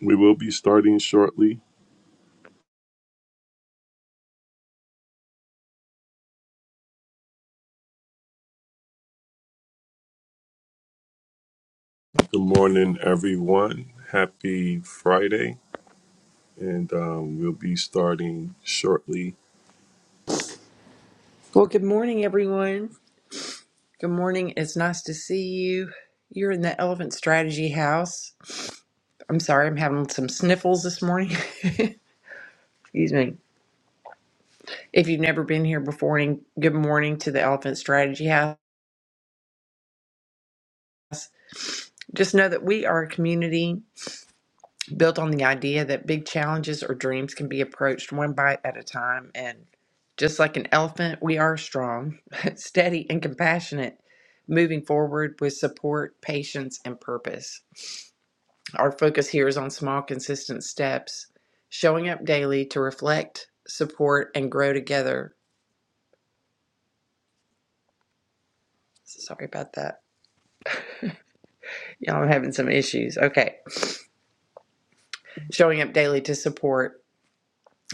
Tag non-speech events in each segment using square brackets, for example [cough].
We will be starting shortly. Good morning, everyone. Happy Friday. And um, we'll be starting shortly. Well, good morning, everyone. Good morning. It's nice to see you. You're in the Elephant Strategy House. I'm sorry, I'm having some sniffles this morning. [laughs] Excuse me. If you've never been here before, and good morning to the Elephant Strategy House. Just know that we are a community built on the idea that big challenges or dreams can be approached one bite at a time. And just like an elephant, we are strong, [laughs] steady, and compassionate, moving forward with support, patience, and purpose. Our focus here is on small, consistent steps, showing up daily to reflect, support, and grow together. Sorry about that. Y'all, I'm having some issues. Okay. Showing up daily to support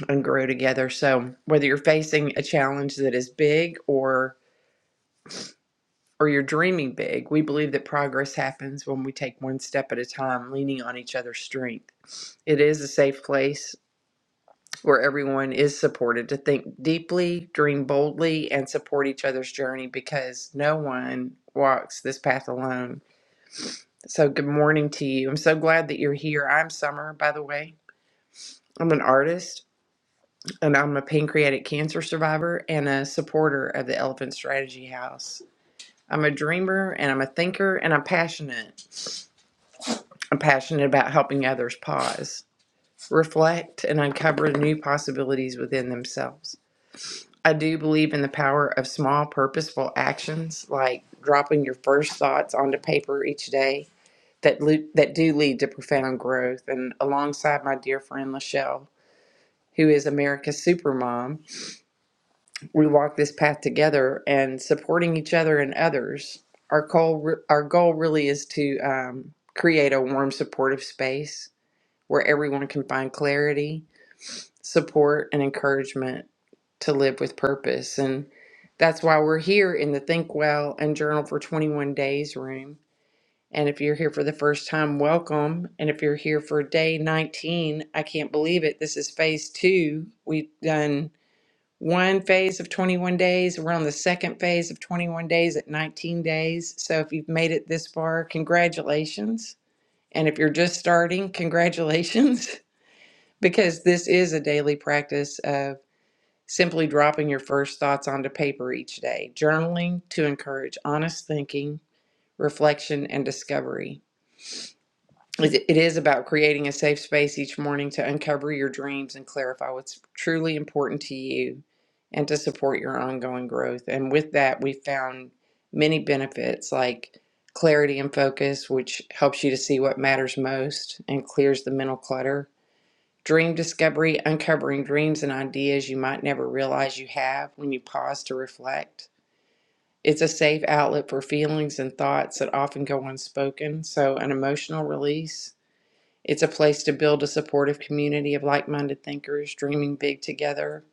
and grow together. So, whether you're facing a challenge that is big or or you're dreaming big, we believe that progress happens when we take one step at a time, leaning on each other's strength. It is a safe place where everyone is supported to think deeply, dream boldly, and support each other's journey because no one walks this path alone. So, good morning to you. I'm so glad that you're here. I'm Summer, by the way. I'm an artist and I'm a pancreatic cancer survivor and a supporter of the Elephant Strategy House. I'm a dreamer and I'm a thinker and I'm passionate. I'm passionate about helping others pause, reflect, and uncover new possibilities within themselves. I do believe in the power of small, purposeful actions, like dropping your first thoughts onto paper each day, that lo- that do lead to profound growth. And alongside my dear friend Lachelle, who is America's supermom, we walk this path together and supporting each other and others. Our goal, re- our goal really is to um, create a warm, supportive space where everyone can find clarity support and encouragement to live with purpose. And that's why we're here in the Think Well and Journal for 21 Days room. And if you're here for the first time, welcome. And if you're here for day 19, I can't believe it. This is phase two. We've done one phase of 21 days. We're on the second phase of 21 days at 19 days. So if you've made it this far, congratulations. And if you're just starting, congratulations, [laughs] because this is a daily practice of. Simply dropping your first thoughts onto paper each day. Journaling to encourage honest thinking, reflection, and discovery. it is about creating a safe space each morning to uncover your dreams and clarify what's truly important to you and to support your ongoing growth. And with that, we found many benefits like clarity and focus, which helps you to see what matters most and clears the mental clutter Dream discovery, uncovering dreams and ideas you might never realize you have when you pause to reflect. It's a safe outlet for feelings and thoughts that often go unspoken, so an emotional release. It's a place to build a supportive community of like minded thinkers dreaming big together.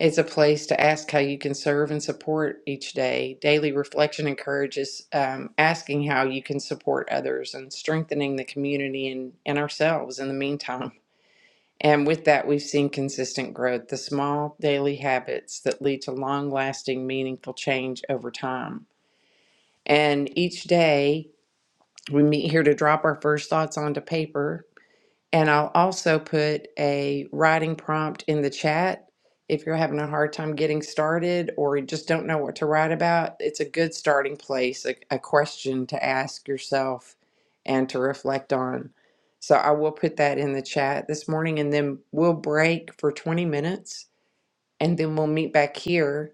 It's a place to ask how you can serve and support each day. Daily reflection encourages um, asking how you can support others and strengthening the community and, and ourselves in the meantime. And with that, we've seen consistent growth, the small daily habits that lead to long lasting, meaningful change over time. And each day, we meet here to drop our first thoughts onto paper and I'll also put a writing prompt in the chat if you're having a hard time getting started or you just don't know what to write about. It's a good starting place, a, a question to ask yourself and to reflect on. So I will put that in the chat this morning and then we'll break for 20 minutes and then we'll meet back here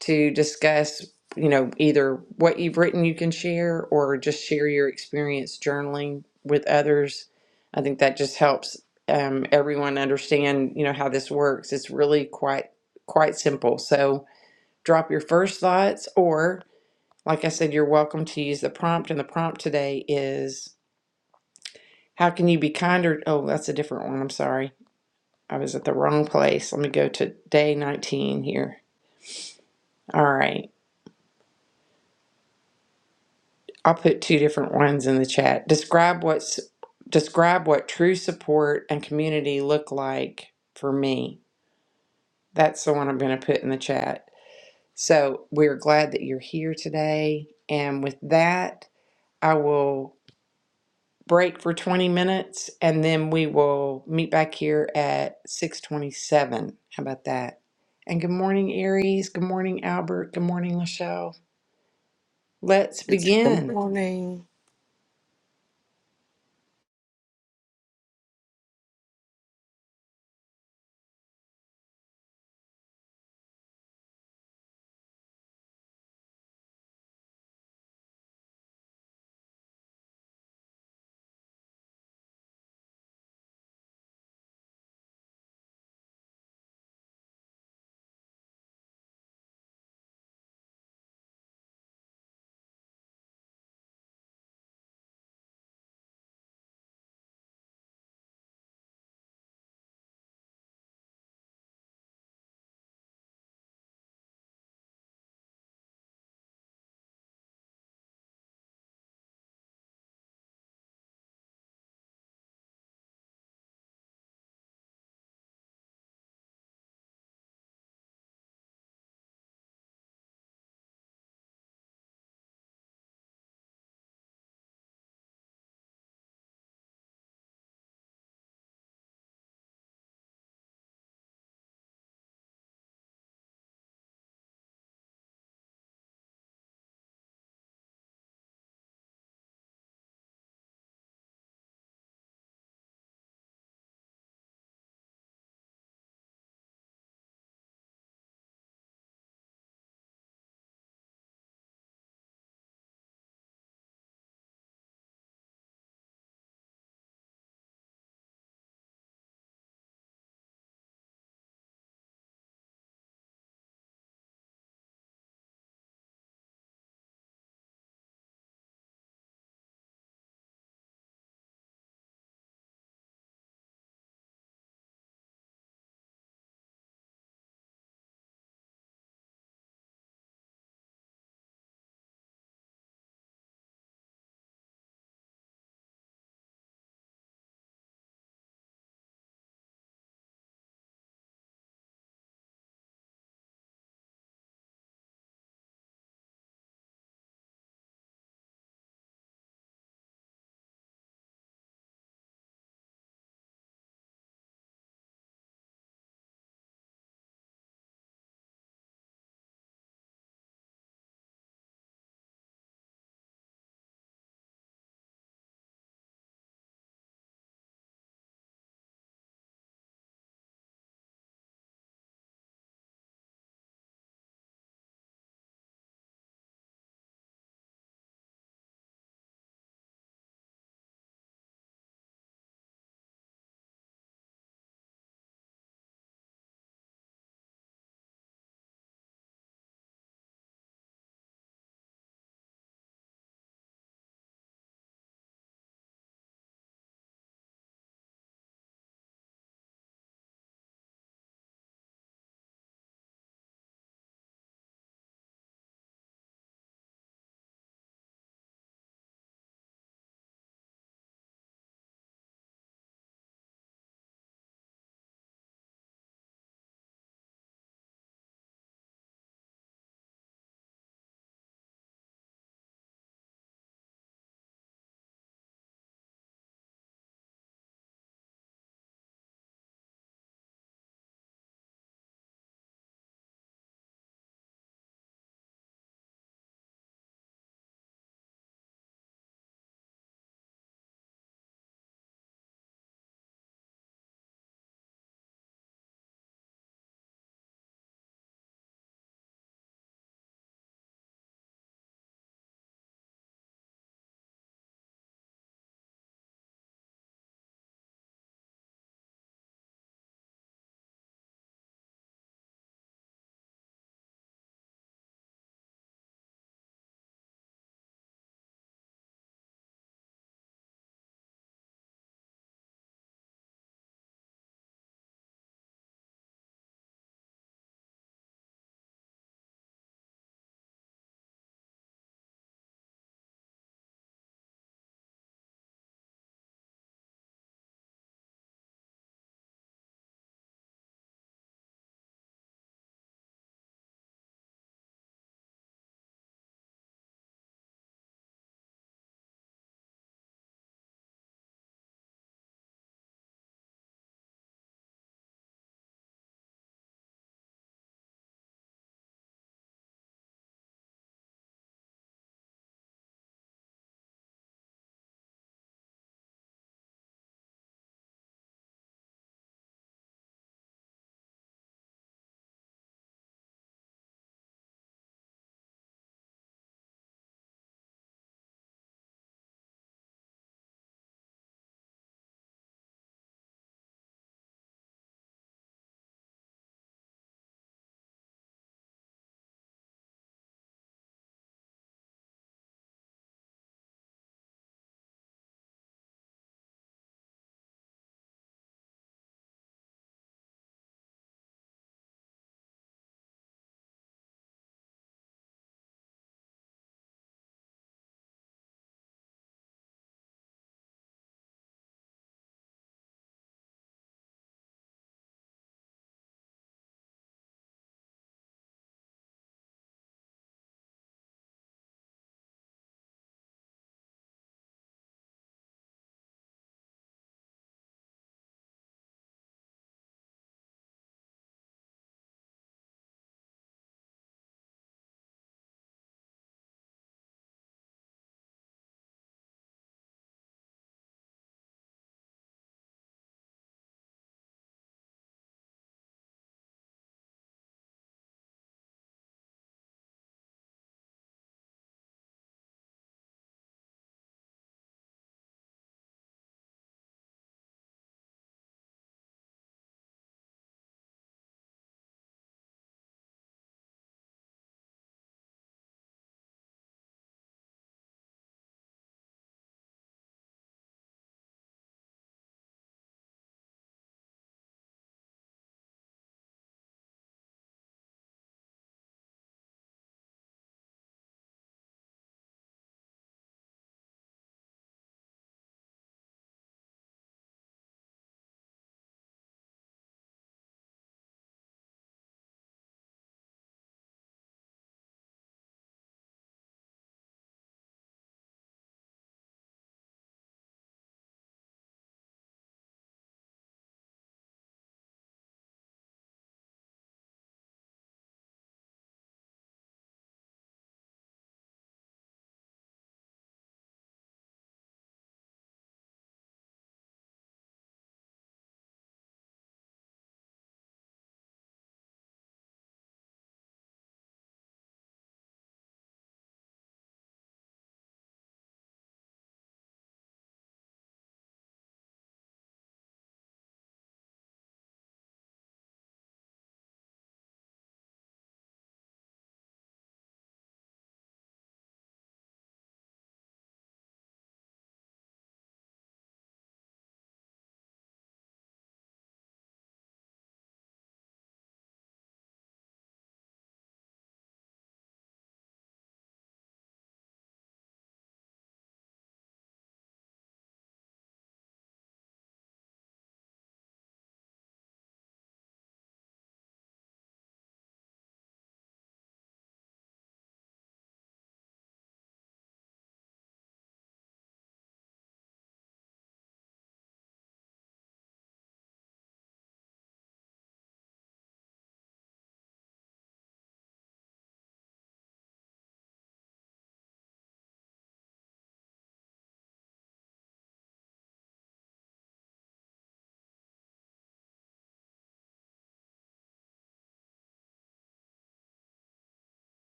to discuss, you know, either what you've written you can share or just share your experience journaling with others. I think that just helps um, everyone understand, you know, how this works. It's really quite quite simple. So drop your first thoughts, or like I said, you're welcome to use the prompt. And the prompt today is how can you be kinder? Oh, that's a different one. I'm sorry. I was at the wrong place. Let me go to day 19 here. All right. I'll put two different ones in the chat. Describe what's describe what true support and community look like for me. That's the one I'm going to put in the chat. So we're glad that you're here today. And with that, I will break for 20 minutes and then we will meet back here at 627. How about that? And good morning, Aries. Good morning, Albert. Good morning, Lachelle. Let's It's good begin. morning.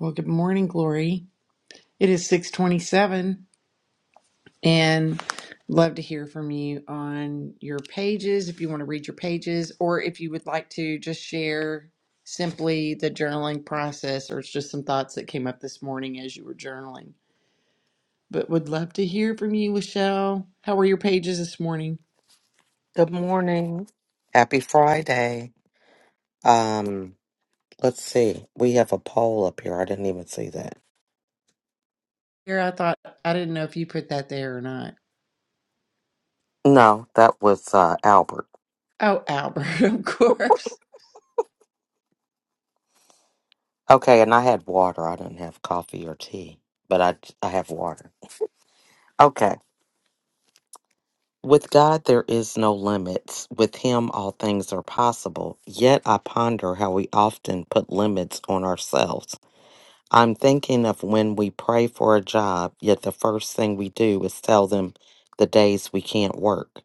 Well, good morning, Glory. It is 627. and love to hear from you on your pages if you want to read your pages or if you would like to just share simply the journaling process or it's just some thoughts that came up this morning as you were journaling but would love to hear from you lachelle how were your pages this morning Good morning. Happy Friday. Um, let's see. We have a poll up here. I didn't even see that. here i thought i didn't know if you put that there or not No, that was uh, Albert. oh albert [laughs] of course Okay, and I had water. I didn't have coffee or tea, but I I have water. Okay. With God there is no limits. With him all things are possible. Yet I ponder how we often put limits on ourselves. I'm thinking of when we pray for a job, yet the first thing we do is tell them the days we can't work.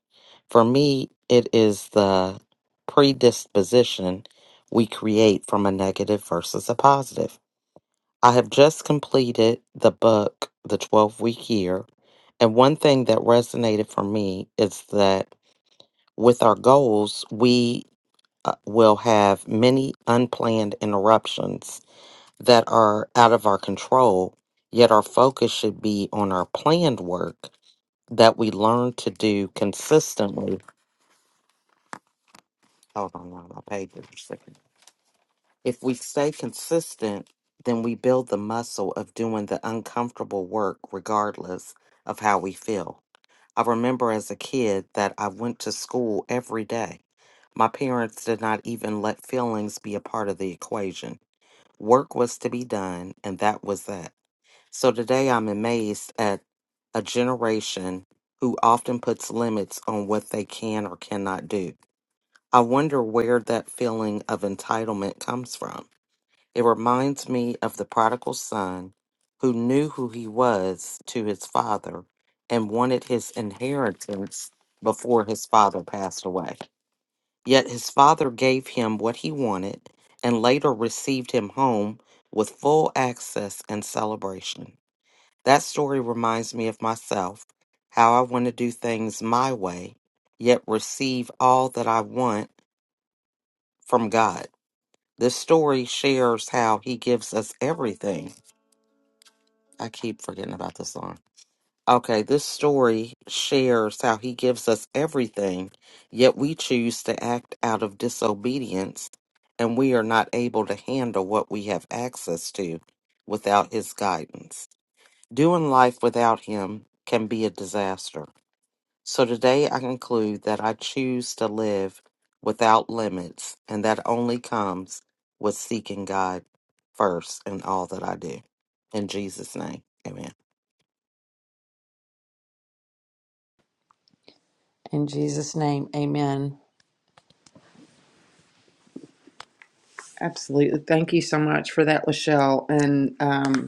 For me, it is the predisposition we create from a negative versus a positive. I have just completed the book, The 12 Week Year, and one thing that resonated for me is that with our goals, we uh, will have many unplanned interruptions that are out of our control, yet our focus should be on our planned work that we learn to do consistently. Hold on, now, my page is a second. If we stay consistent, then we build the muscle of doing the uncomfortable work regardless of how we feel. I remember as a kid that I went to school every day. My parents did not even let feelings be a part of the equation. Work was to be done, and that was that. So today I'm amazed at a generation who often puts limits on what they can or cannot do. I wonder where that feeling of entitlement comes from. It reminds me of the prodigal son who knew who he was to his father and wanted his inheritance before his father passed away. Yet his father gave him what he wanted and later received him home with full access and celebration. That story reminds me of myself, how I want to do things my way, yet receive all that I want from God. This story shares how He gives us everything. I keep forgetting about this song. Okay, this story shares how He gives us everything, yet we choose to act out of disobedience and we are not able to handle what we have access to without His guidance. Doing life without Him can be a disaster. So today I conclude that I choose to live without limits, and that only comes with seeking God first in all that I do. In Jesus' name, Amen. in jesus name amen absolutely thank you so much for that lachelle and um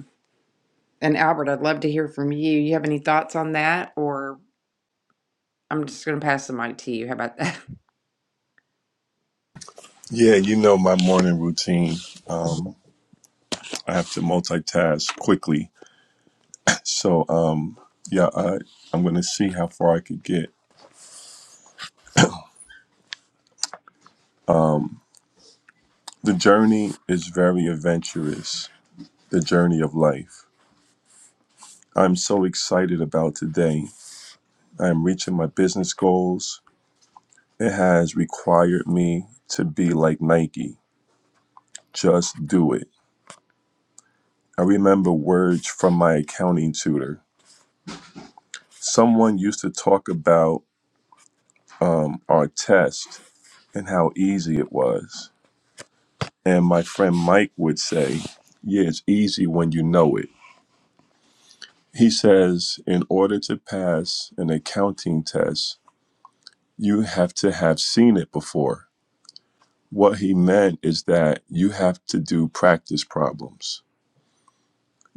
And Albert, I'd love to hear from you. You have any thoughts on that? Or I'm just going to pass the mic to you. How about that? Yeah, you know my morning routine. Um, I have to multitask quickly. So, um, yeah, I, I'm going to see how far I could get. The journey is very adventurous, the journey of life. I'm so excited about today. I am reaching my business goals. It has required me to be like Nike. Just do it. I remember words from my accounting tutor. Someone used to talk about um, our test and how easy it was. And my friend Mike would say, Yeah, it's easy when you know it. He says, In order to pass an accounting test, you have to have seen it before. What he meant is that you have to do practice problems.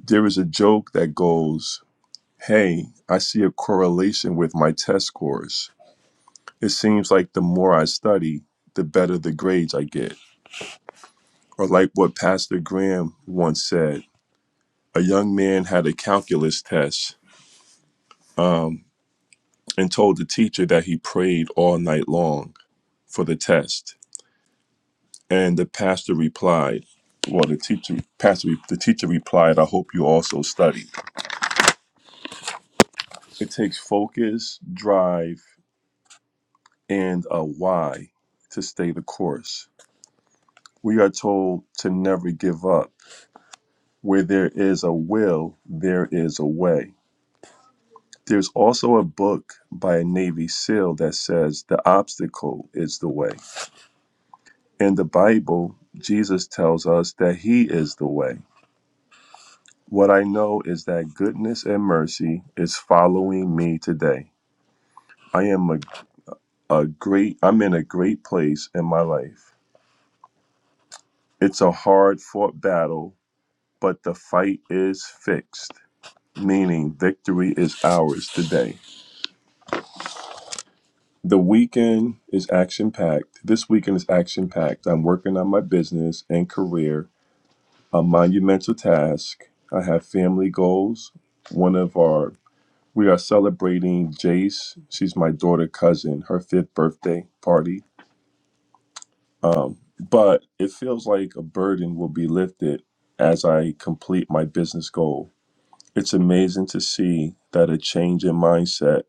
There is a joke that goes, Hey, I see a correlation with my test scores. It seems like the more I study, the better the grades I get. Or like what Pastor Graham once said, a young man had a calculus test um, and told the teacher that he prayed all night long for the test. And the pastor replied, well, the teacher, pastor, the teacher replied, I hope you also studied. It takes focus, drive, and a why to stay the course. We are told to never give up Where there is a will, there is a way. There's also a book by a Navy SEAL that says the obstacle is the way. In the Bible, Jesus tells us that He is the way. What I know is that goodness and mercy is following me today. I am a, a great, I'm in a great place in my life. It's a hard fought battle, but the fight is fixed, meaning victory is ours today. The weekend is action packed. This weekend is action packed. I'm working on my business and career, a monumental task. I have family goals. One of our, we are celebrating Jace. She's my daughter cousin, her fifth birthday party. Um, but it feels like a burden will be lifted as I complete my business goal. It's amazing to see that a change in mindset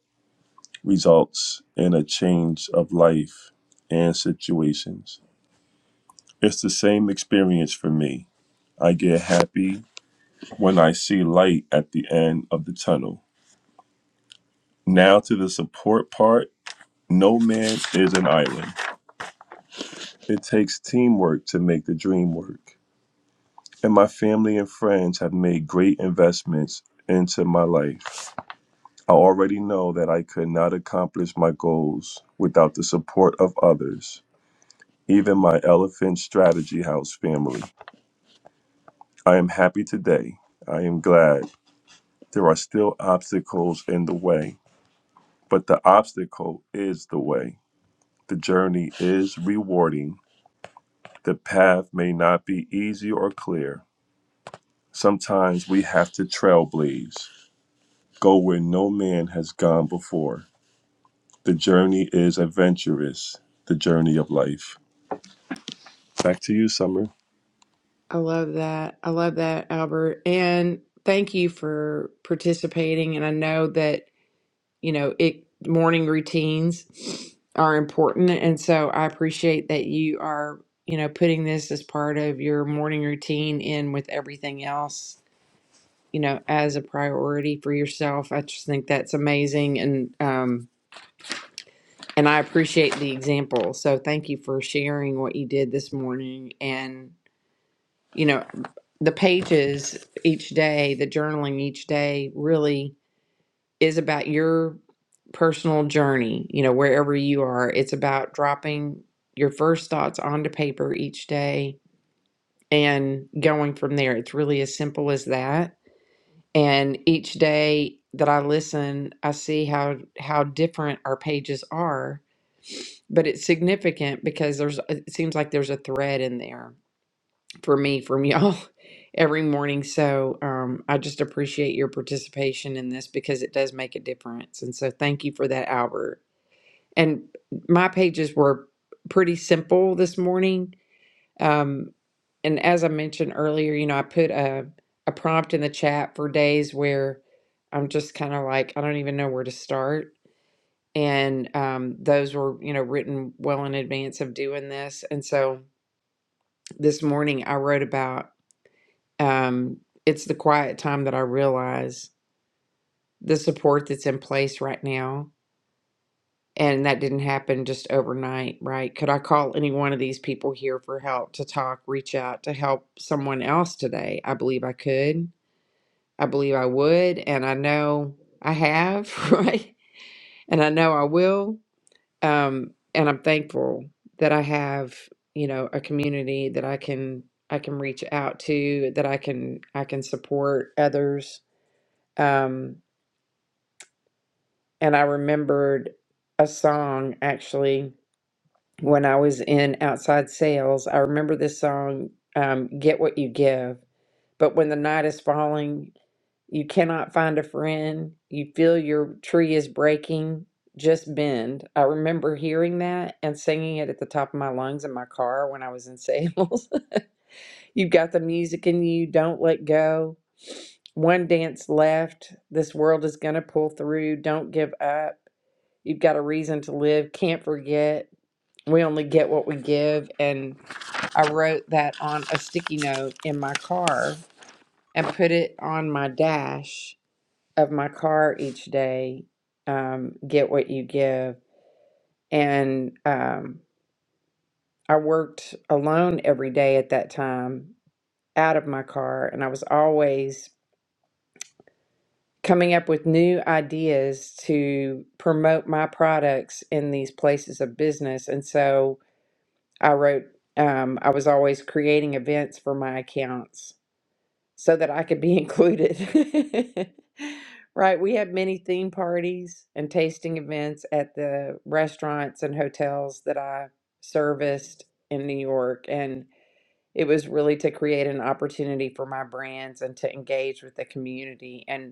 results in a change of life and situations. It's the same experience for me. I get happy when I see light at the end of the tunnel. Now to the support part. No man is an island. It takes teamwork to make the dream work. And my family and friends have made great investments into my life. I already know that I could not accomplish my goals without the support of others, even my Elephant Strategy House family. I am happy today. I am glad. There are still obstacles in the way, but the obstacle is the way. The journey is rewarding. The path may not be easy or clear. Sometimes we have to trailblaze, go where no man has gone before. The journey is adventurous, the journey of life. Back to you, Summer. [laughs] I love that. I love that, Albert. And thank you for participating. And I know that, you know, it morning routines are important. And so I appreciate that you are, you know, putting this as part of your morning routine in with everything else, you know, as a priority for yourself. I just think that's amazing. And um And I appreciate the example. So thank you for sharing what you did this morning. And, you know, the pages each day, the journaling each day really is about your personal journey, you know, wherever you are. It's about dropping your first thoughts onto paper each day and going from there. It's really as simple as that. And each day that I listen, I see how how different our pages are but it's significant because there's uh, it seems like there's a thread in there for me from y'all [laughs] every morning so um, i just appreciate your participation in this because it does make a difference and so thank you for that albert and my pages were pretty simple this morning um, and as i mentioned earlier you know i put a, a prompt in the chat for days where i'm just kind of like i don't even know where to start and um, those were you know written well in advance of doing this and so this morning i wrote about um, it's the quiet time that i realize the support that's in place right now and that didn't happen just overnight right could i call any one of these people here for help to talk reach out to help someone else today i believe i could i believe i would and i know i have [laughs] right and i know i will um, and I'm thankful that I have you know a community that I can I can reach out to that I can I can support others um, and I remembered a song actually when I was in outside sales I remember this song um, get what you give but when the night is falling You cannot find a friend. You feel your tree is breaking. Just bend. I remember hearing that and singing it at the top of my lungs in my car when I was in sales. [laughs] You've got the music in you. Don't let go. One dance left. This world is going to pull through. Don't give up. You've got a reason to live. Can't forget. We only get what we give. And I wrote that on a sticky note in my car and put it on my dash of my car each day, um, Get What You Give. And um, I worked alone every day at that time out of my car. And I was always coming up with new ideas to promote my products in these places of business. And so I wrote, um, I was always creating events for my accounts so that I could be included. [laughs] Right, we have many theme parties and tasting events at the restaurants and hotels that I serviced in New York. And it was really to create an opportunity for my brands and to engage with the community. and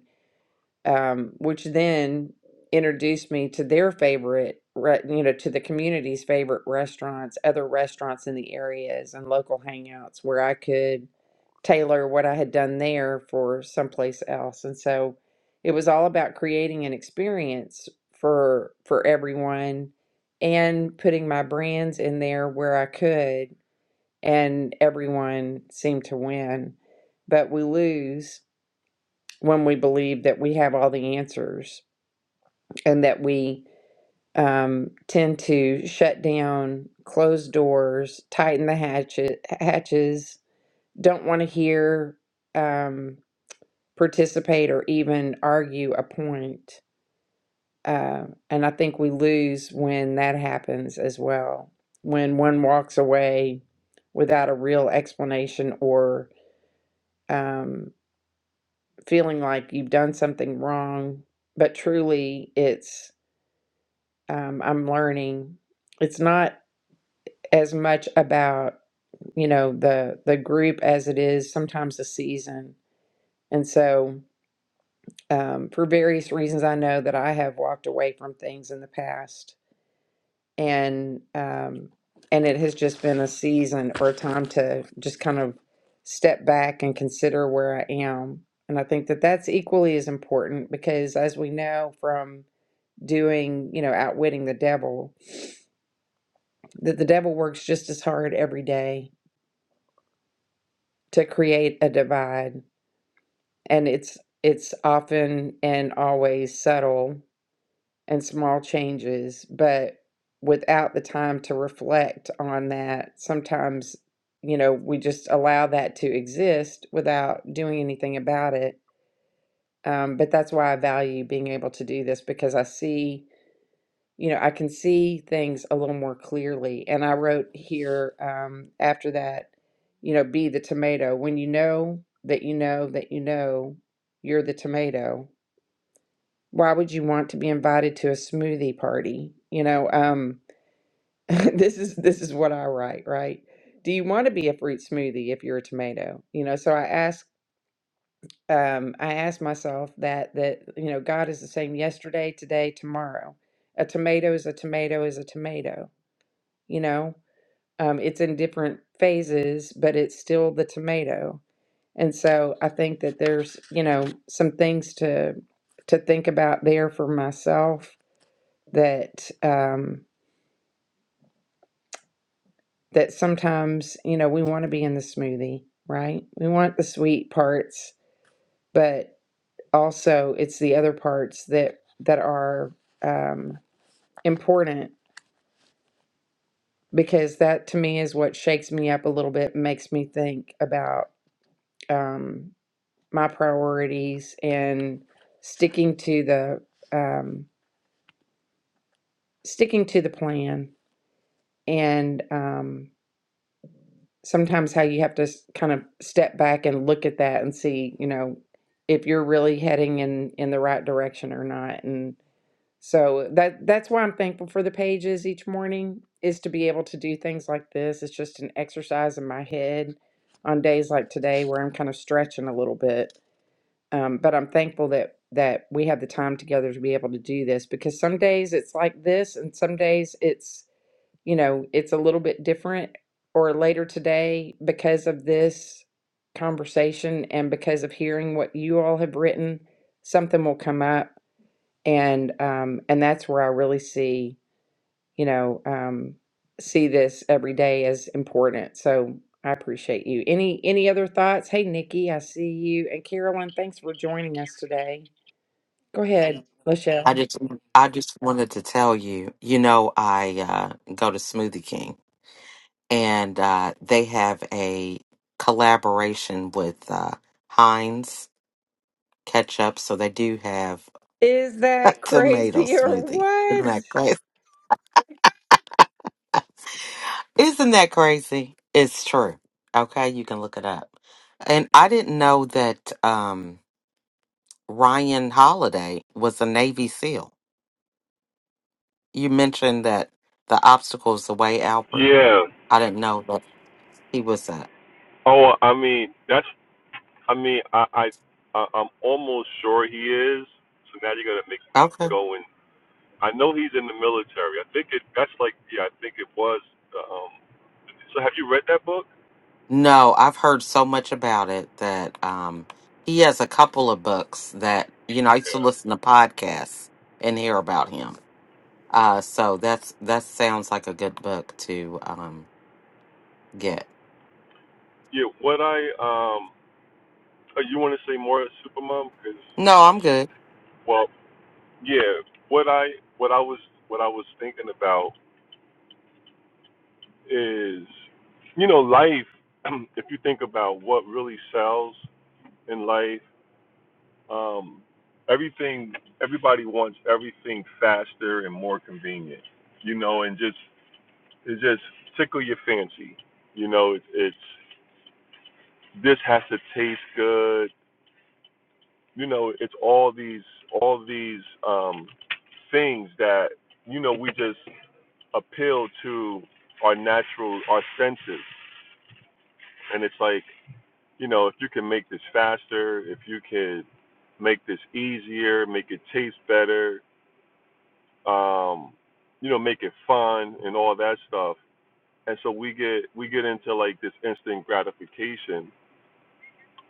um, which then introduced me to their favorite, re- you know, to the community's favorite restaurants, other restaurants in the areas, and local hangouts where I could tailor what I had done there for someplace else. And so it was all about creating an experience for for everyone and putting my brands in there where I could and everyone seemed to win. But we lose when we believe that we have all the answers and that we um, tend to shut down, close doors, tighten the hatchet, hatches, don't want to hear, um, participate, or even argue a point. Uh, and I think we lose when that happens as well, when one walks away without a real explanation or um, feeling like you've done something wrong. But truly, it's um, I'm learning. It's not as much about you know the the group as it is sometimes the season and so um, for various reasons i know that i have walked away from things in the past and um, and it has just been a season or a time to just kind of step back and consider where i am and i think that that's equally as important because as we know from doing you know outwitting the devil that the devil works just as hard every day to create a divide and it's it's often and always subtle and small changes but without the time to reflect on that sometimes you know we just allow that to exist without doing anything about it um, but that's why i value being able to do this because i see you know i can see things a little more clearly and i wrote here um, after that you know be the tomato when you know that you know that you know you're the tomato why would you want to be invited to a smoothie party? You know, um, [laughs] this is this is what I write, right? Do you want to be a fruit smoothie if you're a tomato? You know, so I ask, um, I ask myself that that you know, God is the same yesterday, today, tomorrow. A tomato is a tomato is a tomato. You know, um, it's in different phases, but it's still the tomato. And so I think that there's you know some things to to think about there for myself that um, that sometimes you know we want to be in the smoothie, right? We want the sweet parts, but also it's the other parts that that are um, important because that to me is what shakes me up a little bit, makes me think about um, my priorities and sticking to the um, sticking to the plan and. Um, sometimes how you have to s- kind of step back and look at that and see, you know, if you're really heading in in the right direction or not. And so that that's why I'm thankful for the pages each morning is to be able to do things like this. It's just an exercise in my head on days like today where I'm kind of stretching a little bit. Um, but I'm thankful that that we have the time together to be able to do this because some days it's like this and some days it's you know, it's a little bit different or later today because of this conversation and because of hearing what you all have written, something will come up and um and that's where I really see, you know, um see this every day as important. So I appreciate you. Any any other thoughts? Hey Nikki, I see you. And Carolyn, thanks for joining us today. Go ahead, I Lachelle. just, I just wanted to tell you, you know, I uh, go to Smoothie King, and uh, they have a collaboration with uh, Heinz ketchup, so they do have Is [laughs] a that tomato crazy or smoothie. Isn't what? that crazy? Isn't that crazy? It's true. Okay, you can look it up. And I didn't know that um, Ryan Holiday was a Navy SEAL. You mentioned that the obstacle's the way, Albert. Yeah. I didn't know that he was a. Oh, I mean, that's. I mean, I, I, I I'm almost sure he is. So now you're gonna make me Okay. go and I know he's in the military. I think it. That's like yeah. I think it was. Um, so have you read that book? No, I've heard so much about it that um, he has a couple of books that, you know, I used to Yeah. listen to podcasts and hear about him. Uh, so that's that sounds like a good book to um, get. Yeah. What I um. uh, You want to say more, Supermom? Because No, I'm good. well, yeah. What I what I was what I was thinking about is, you know, life. [clears throat] If you think about what really sells in life, um, everything everybody wants everything faster and more convenient. You know, and just it just tickle your fancy. You know, it's it's this has to taste good. You know, it's all these all these um things that you know we just appeal to our natural our senses, and it's like you know if you can make this faster, if you could make this easier, make it taste better, um, you know, make it fun and all that stuff. And so we get we get into like this instant gratification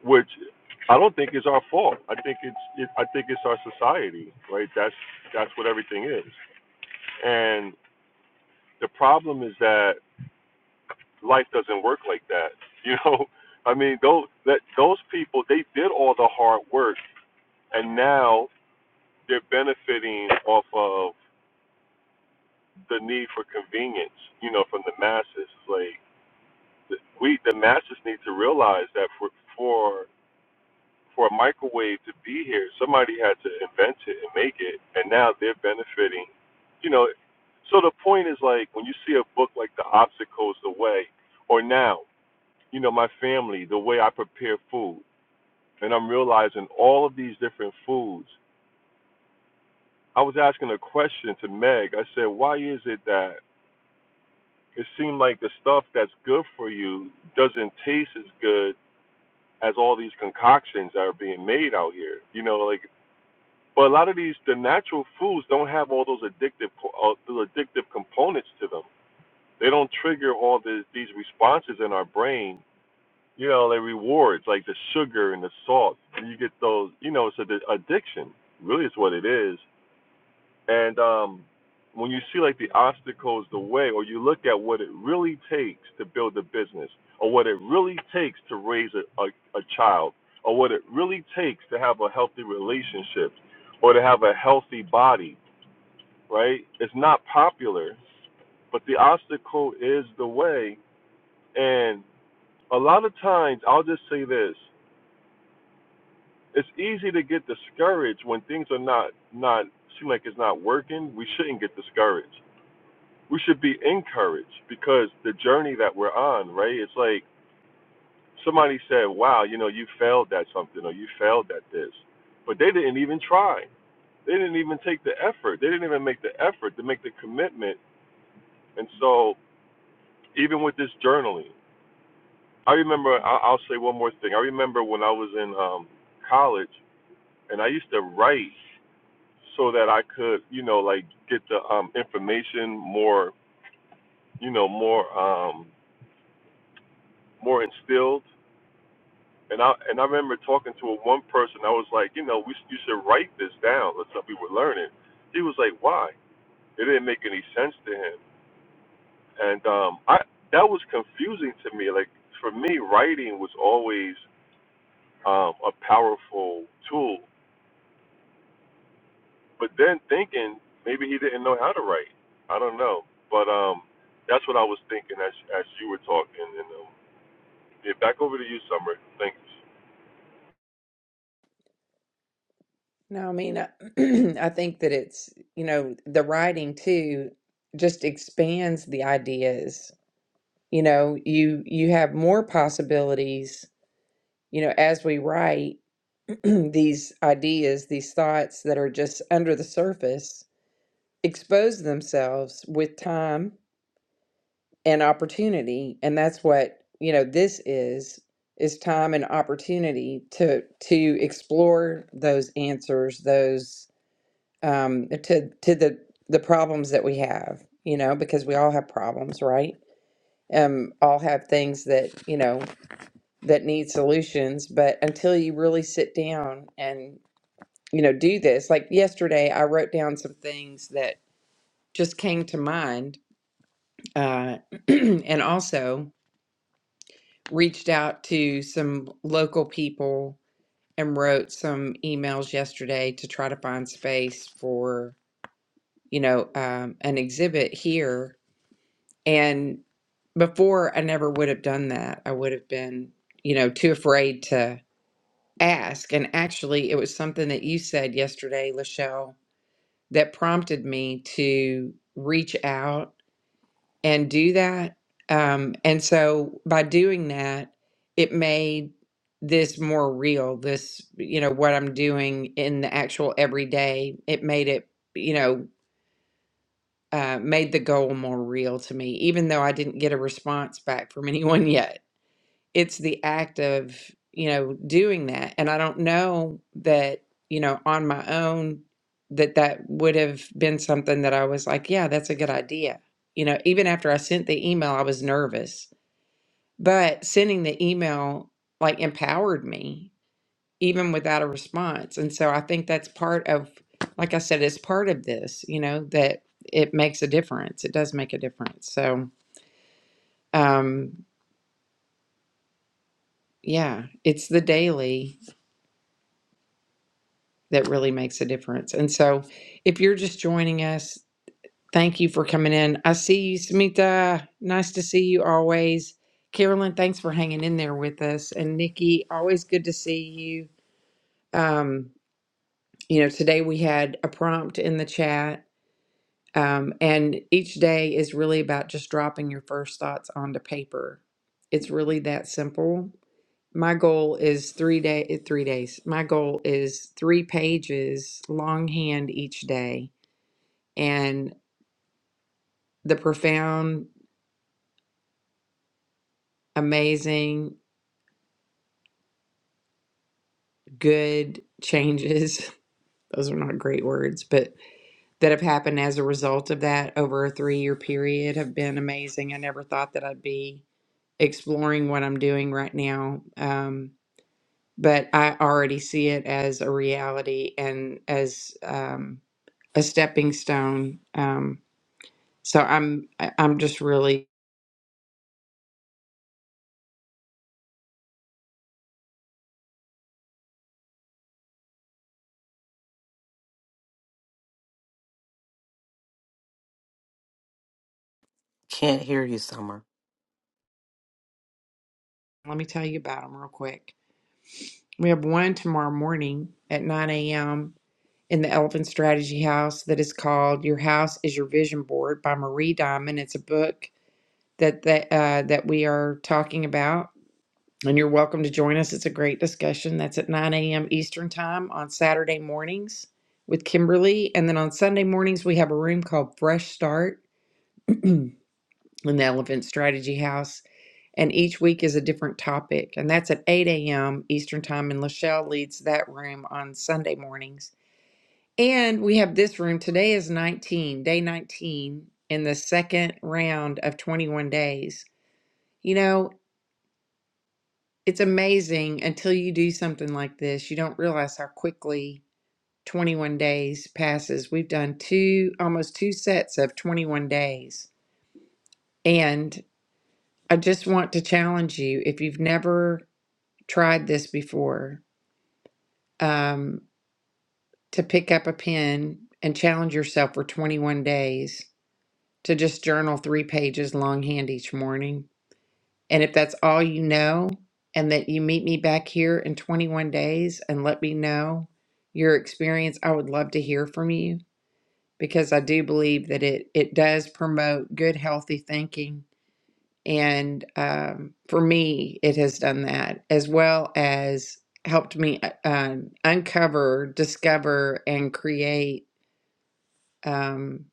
which I don't think is our fault. I think it's it, I think it's our society, right? That's that's what everything is. And the problem is that life doesn't work like that. [laughs] You know, I mean, those that those people they did all the hard work, and now they're benefiting off of the need for convenience. You know, from the masses. Like we, the masses need to realize that for for for a microwave to be here, somebody had to invent it and make it, and now they're benefiting. You know, so the point is like when you see a book like The Obstacles, The Way, or now, you know, my family, the way I prepare food, and I'm realizing all of these different foods. I was asking a question to Meg. I said, why is it that it seemed like the stuff that's good for you doesn't taste as good as all these concoctions that are being made out here? You know, like But a lot of these the natural foods don't have all those addictive co- uh, those addictive components to them. They don't trigger all this, these responses in our brain. You know, they rewards like the sugar and the salt. And you get those. You know, so the addiction really is what it is. And um, when you see like the obstacles the way, or you look at what it really takes to build a business, or what it really takes to raise a, a, a child, or what it really takes to have a healthy relationship, or to have a healthy body right? It's not popular, but the obstacle is the way. And a lot of times, I'll just say this: it's easy to get discouraged when things are not not seem like it's not working. We shouldn't get discouraged. We should be encouraged because the journey that we're on, right? It's like somebody said, "Wow, you know, you failed at something or you failed at this," but they didn't even try. They didn't even take the effort. They didn't even make the effort to make the commitment. And so, even with this journaling I remember. I- I'll say one more thing. I remember when I was in um, college, and I used to write so that I could, you know, like get the um, information more, you know, more, um, more instilled. And I and I remember talking to a one person. I was like, you know, we you should write this down. That's what we were learning. He was like, why? It didn't make any sense to him. And um, I that was confusing to me. Like for me, writing was always um, a powerful tool but then thinking maybe he didn't know how to write. I don't know, but um, that's what I was thinking as as you were talking. And um, yeah, Bummer. thanks, No, I mean, I, [clears throat] I think that it's, you know, the writing too just expands the ideas. You know, you you have more possibilities, you know, as we write [clears throat] these ideas, these thoughts that are just under the surface expose themselves with time and opportunity, and that's what, you know, this is is time and opportunity to to explore those answers, those um, to to the the problems that we have, you know, because we all have problems, right? Um, all have things that you know that need solutions, but until you really sit down and you know do this, like yesterday, I wrote down some things that just came to mind, uh, [clears throat] and also reached out to some local people and wrote some emails yesterday to try to find space for you know um, an exhibit here And before I never would have done that. I would have been, you know, too afraid to ask. And actually, it was something that you said yesterday, Lachelle, that prompted me to reach out and do that. Um, and so by doing that, it made this more real, this, you know, what I'm doing in the actual everyday. It made it, you know, uh, made the goal more real to me, even though I didn't get a response back from [laughs] anyone yet it's the act of you know doing that and i don't know that you know on my own that that would have been something that i was like yeah that's a good idea you know even after i sent the email i was nervous but sending the email like empowered me even without a response and so i think that's part of like i said it's part of this you know that it makes a difference it does make a difference so um yeah it's the daily that really makes a difference. And so, if you're just joining us, thank you for coming in. I see you, Samita. Nice to see you always. Carolyn, thanks for hanging in there with us. And Nikki, always good to see you. Um, you know, today we had a prompt in the chat. Um, and each day is really about just dropping your first thoughts onto paper. It's really that simple. My goal is three day three days. My goal is three pages longhand each day and the profound, amazing, good changes. [laughs] Those are not great words, but that have happened as a result of that over a three year period have been amazing. I never thought that I'd be exploring what I'm doing right now. Um, but I already see it as a reality and as um, a stepping stone. Um, so I'm I- I'm just really Can't hear you, Summer. let me tell you about them real quick. We have one tomorrow morning at 9 a.m in the Elephant Strategy House that is called "Your House Is Your Vision Board" by Marie Diamond. It's a book that that uh, that we are talking about, and you're welcome to join us. It's a great discussion. That's at 9 a.m. Eastern Time on Saturday mornings with Kimberly, and then on Sunday mornings we have a room called Fresh Start in the Elephant Strategy House. And each week is a different topic, and that's at 8 a.m. Eastern Time. And Lachelle leads that room on Sunday mornings. And we have this room. Today is 19, day 19 in the second round of 21 days. You know, it's amazing until you do something like this, you don't realize how quickly 21 days passes. We've done two, almost two sets of 21 days. And I just want to challenge you if you've never tried this before, um, to pick up a pen and challenge yourself for 21 days to just journal three pages longhand each morning. And if that's all you know, and that you meet me back here in 21 days and let me know your experience, I would love to hear from you because I do believe that it, it does promote good, healthy thinking. And um, for me, it has done that as well as helped me uh, um, uncover, discover, and create. um,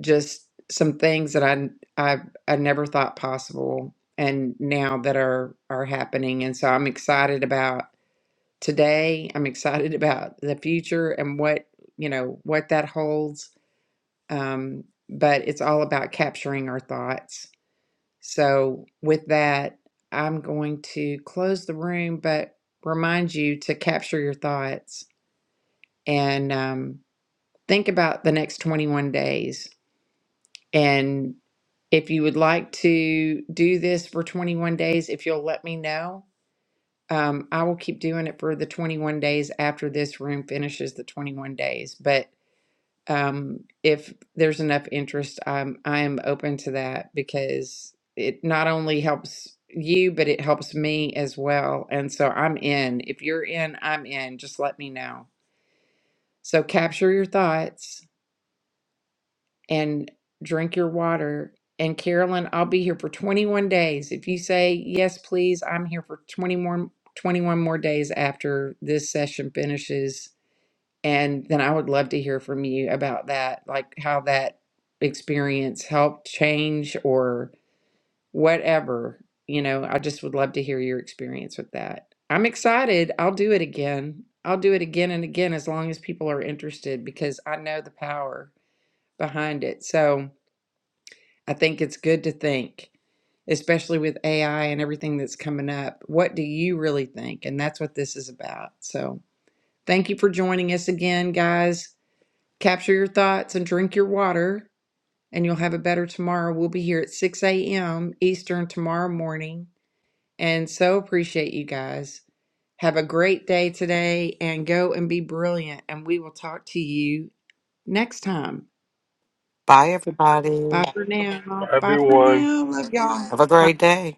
just some things that I I I never thought possible and now that are are happening and so I'm excited about today I'm excited [laughs] about the future and what you know what that holds um but it's all about capturing our thoughts so with that I'm going to close the room but remind you to capture your thoughts and um think about the next 21 days and. If you would like to do this for 21 days, if you'll let me know, um, I will keep doing it for the 21 days after this room finishes the 21 days. But um, if there's enough interest, I'm, I am open to that because it not only helps you, but it helps me as well. And so I'm in. If you're in, I'm in. Just let me know. So capture your thoughts. and drink your water. And Carolyn, I'll be here for 21 days. If you say yes, please, I'm here for 20 more, 21 more days after this session finishes. And then I would love to hear from you about that, like how that experience helped change or whatever. You know, I just would love to hear your experience with that. I'm excited. I'll do it again. I'll do it again and again as long as people are interested because I know the power behind it. So, I think it's good to think, especially with AI and everything that's coming up. What do you really think? And that's what this is about. So thank you for joining us again, guys. Capture your thoughts and drink your water, and you'll have a better tomorrow. We'll be here at 6 a.m. Eastern tomorrow morning. And so appreciate you guys. Have a great day today and go and be brilliant. And we will talk to you next time. Bye, everybody. Bye for now. Bye for everyone. now. Love Have a y'all. great day.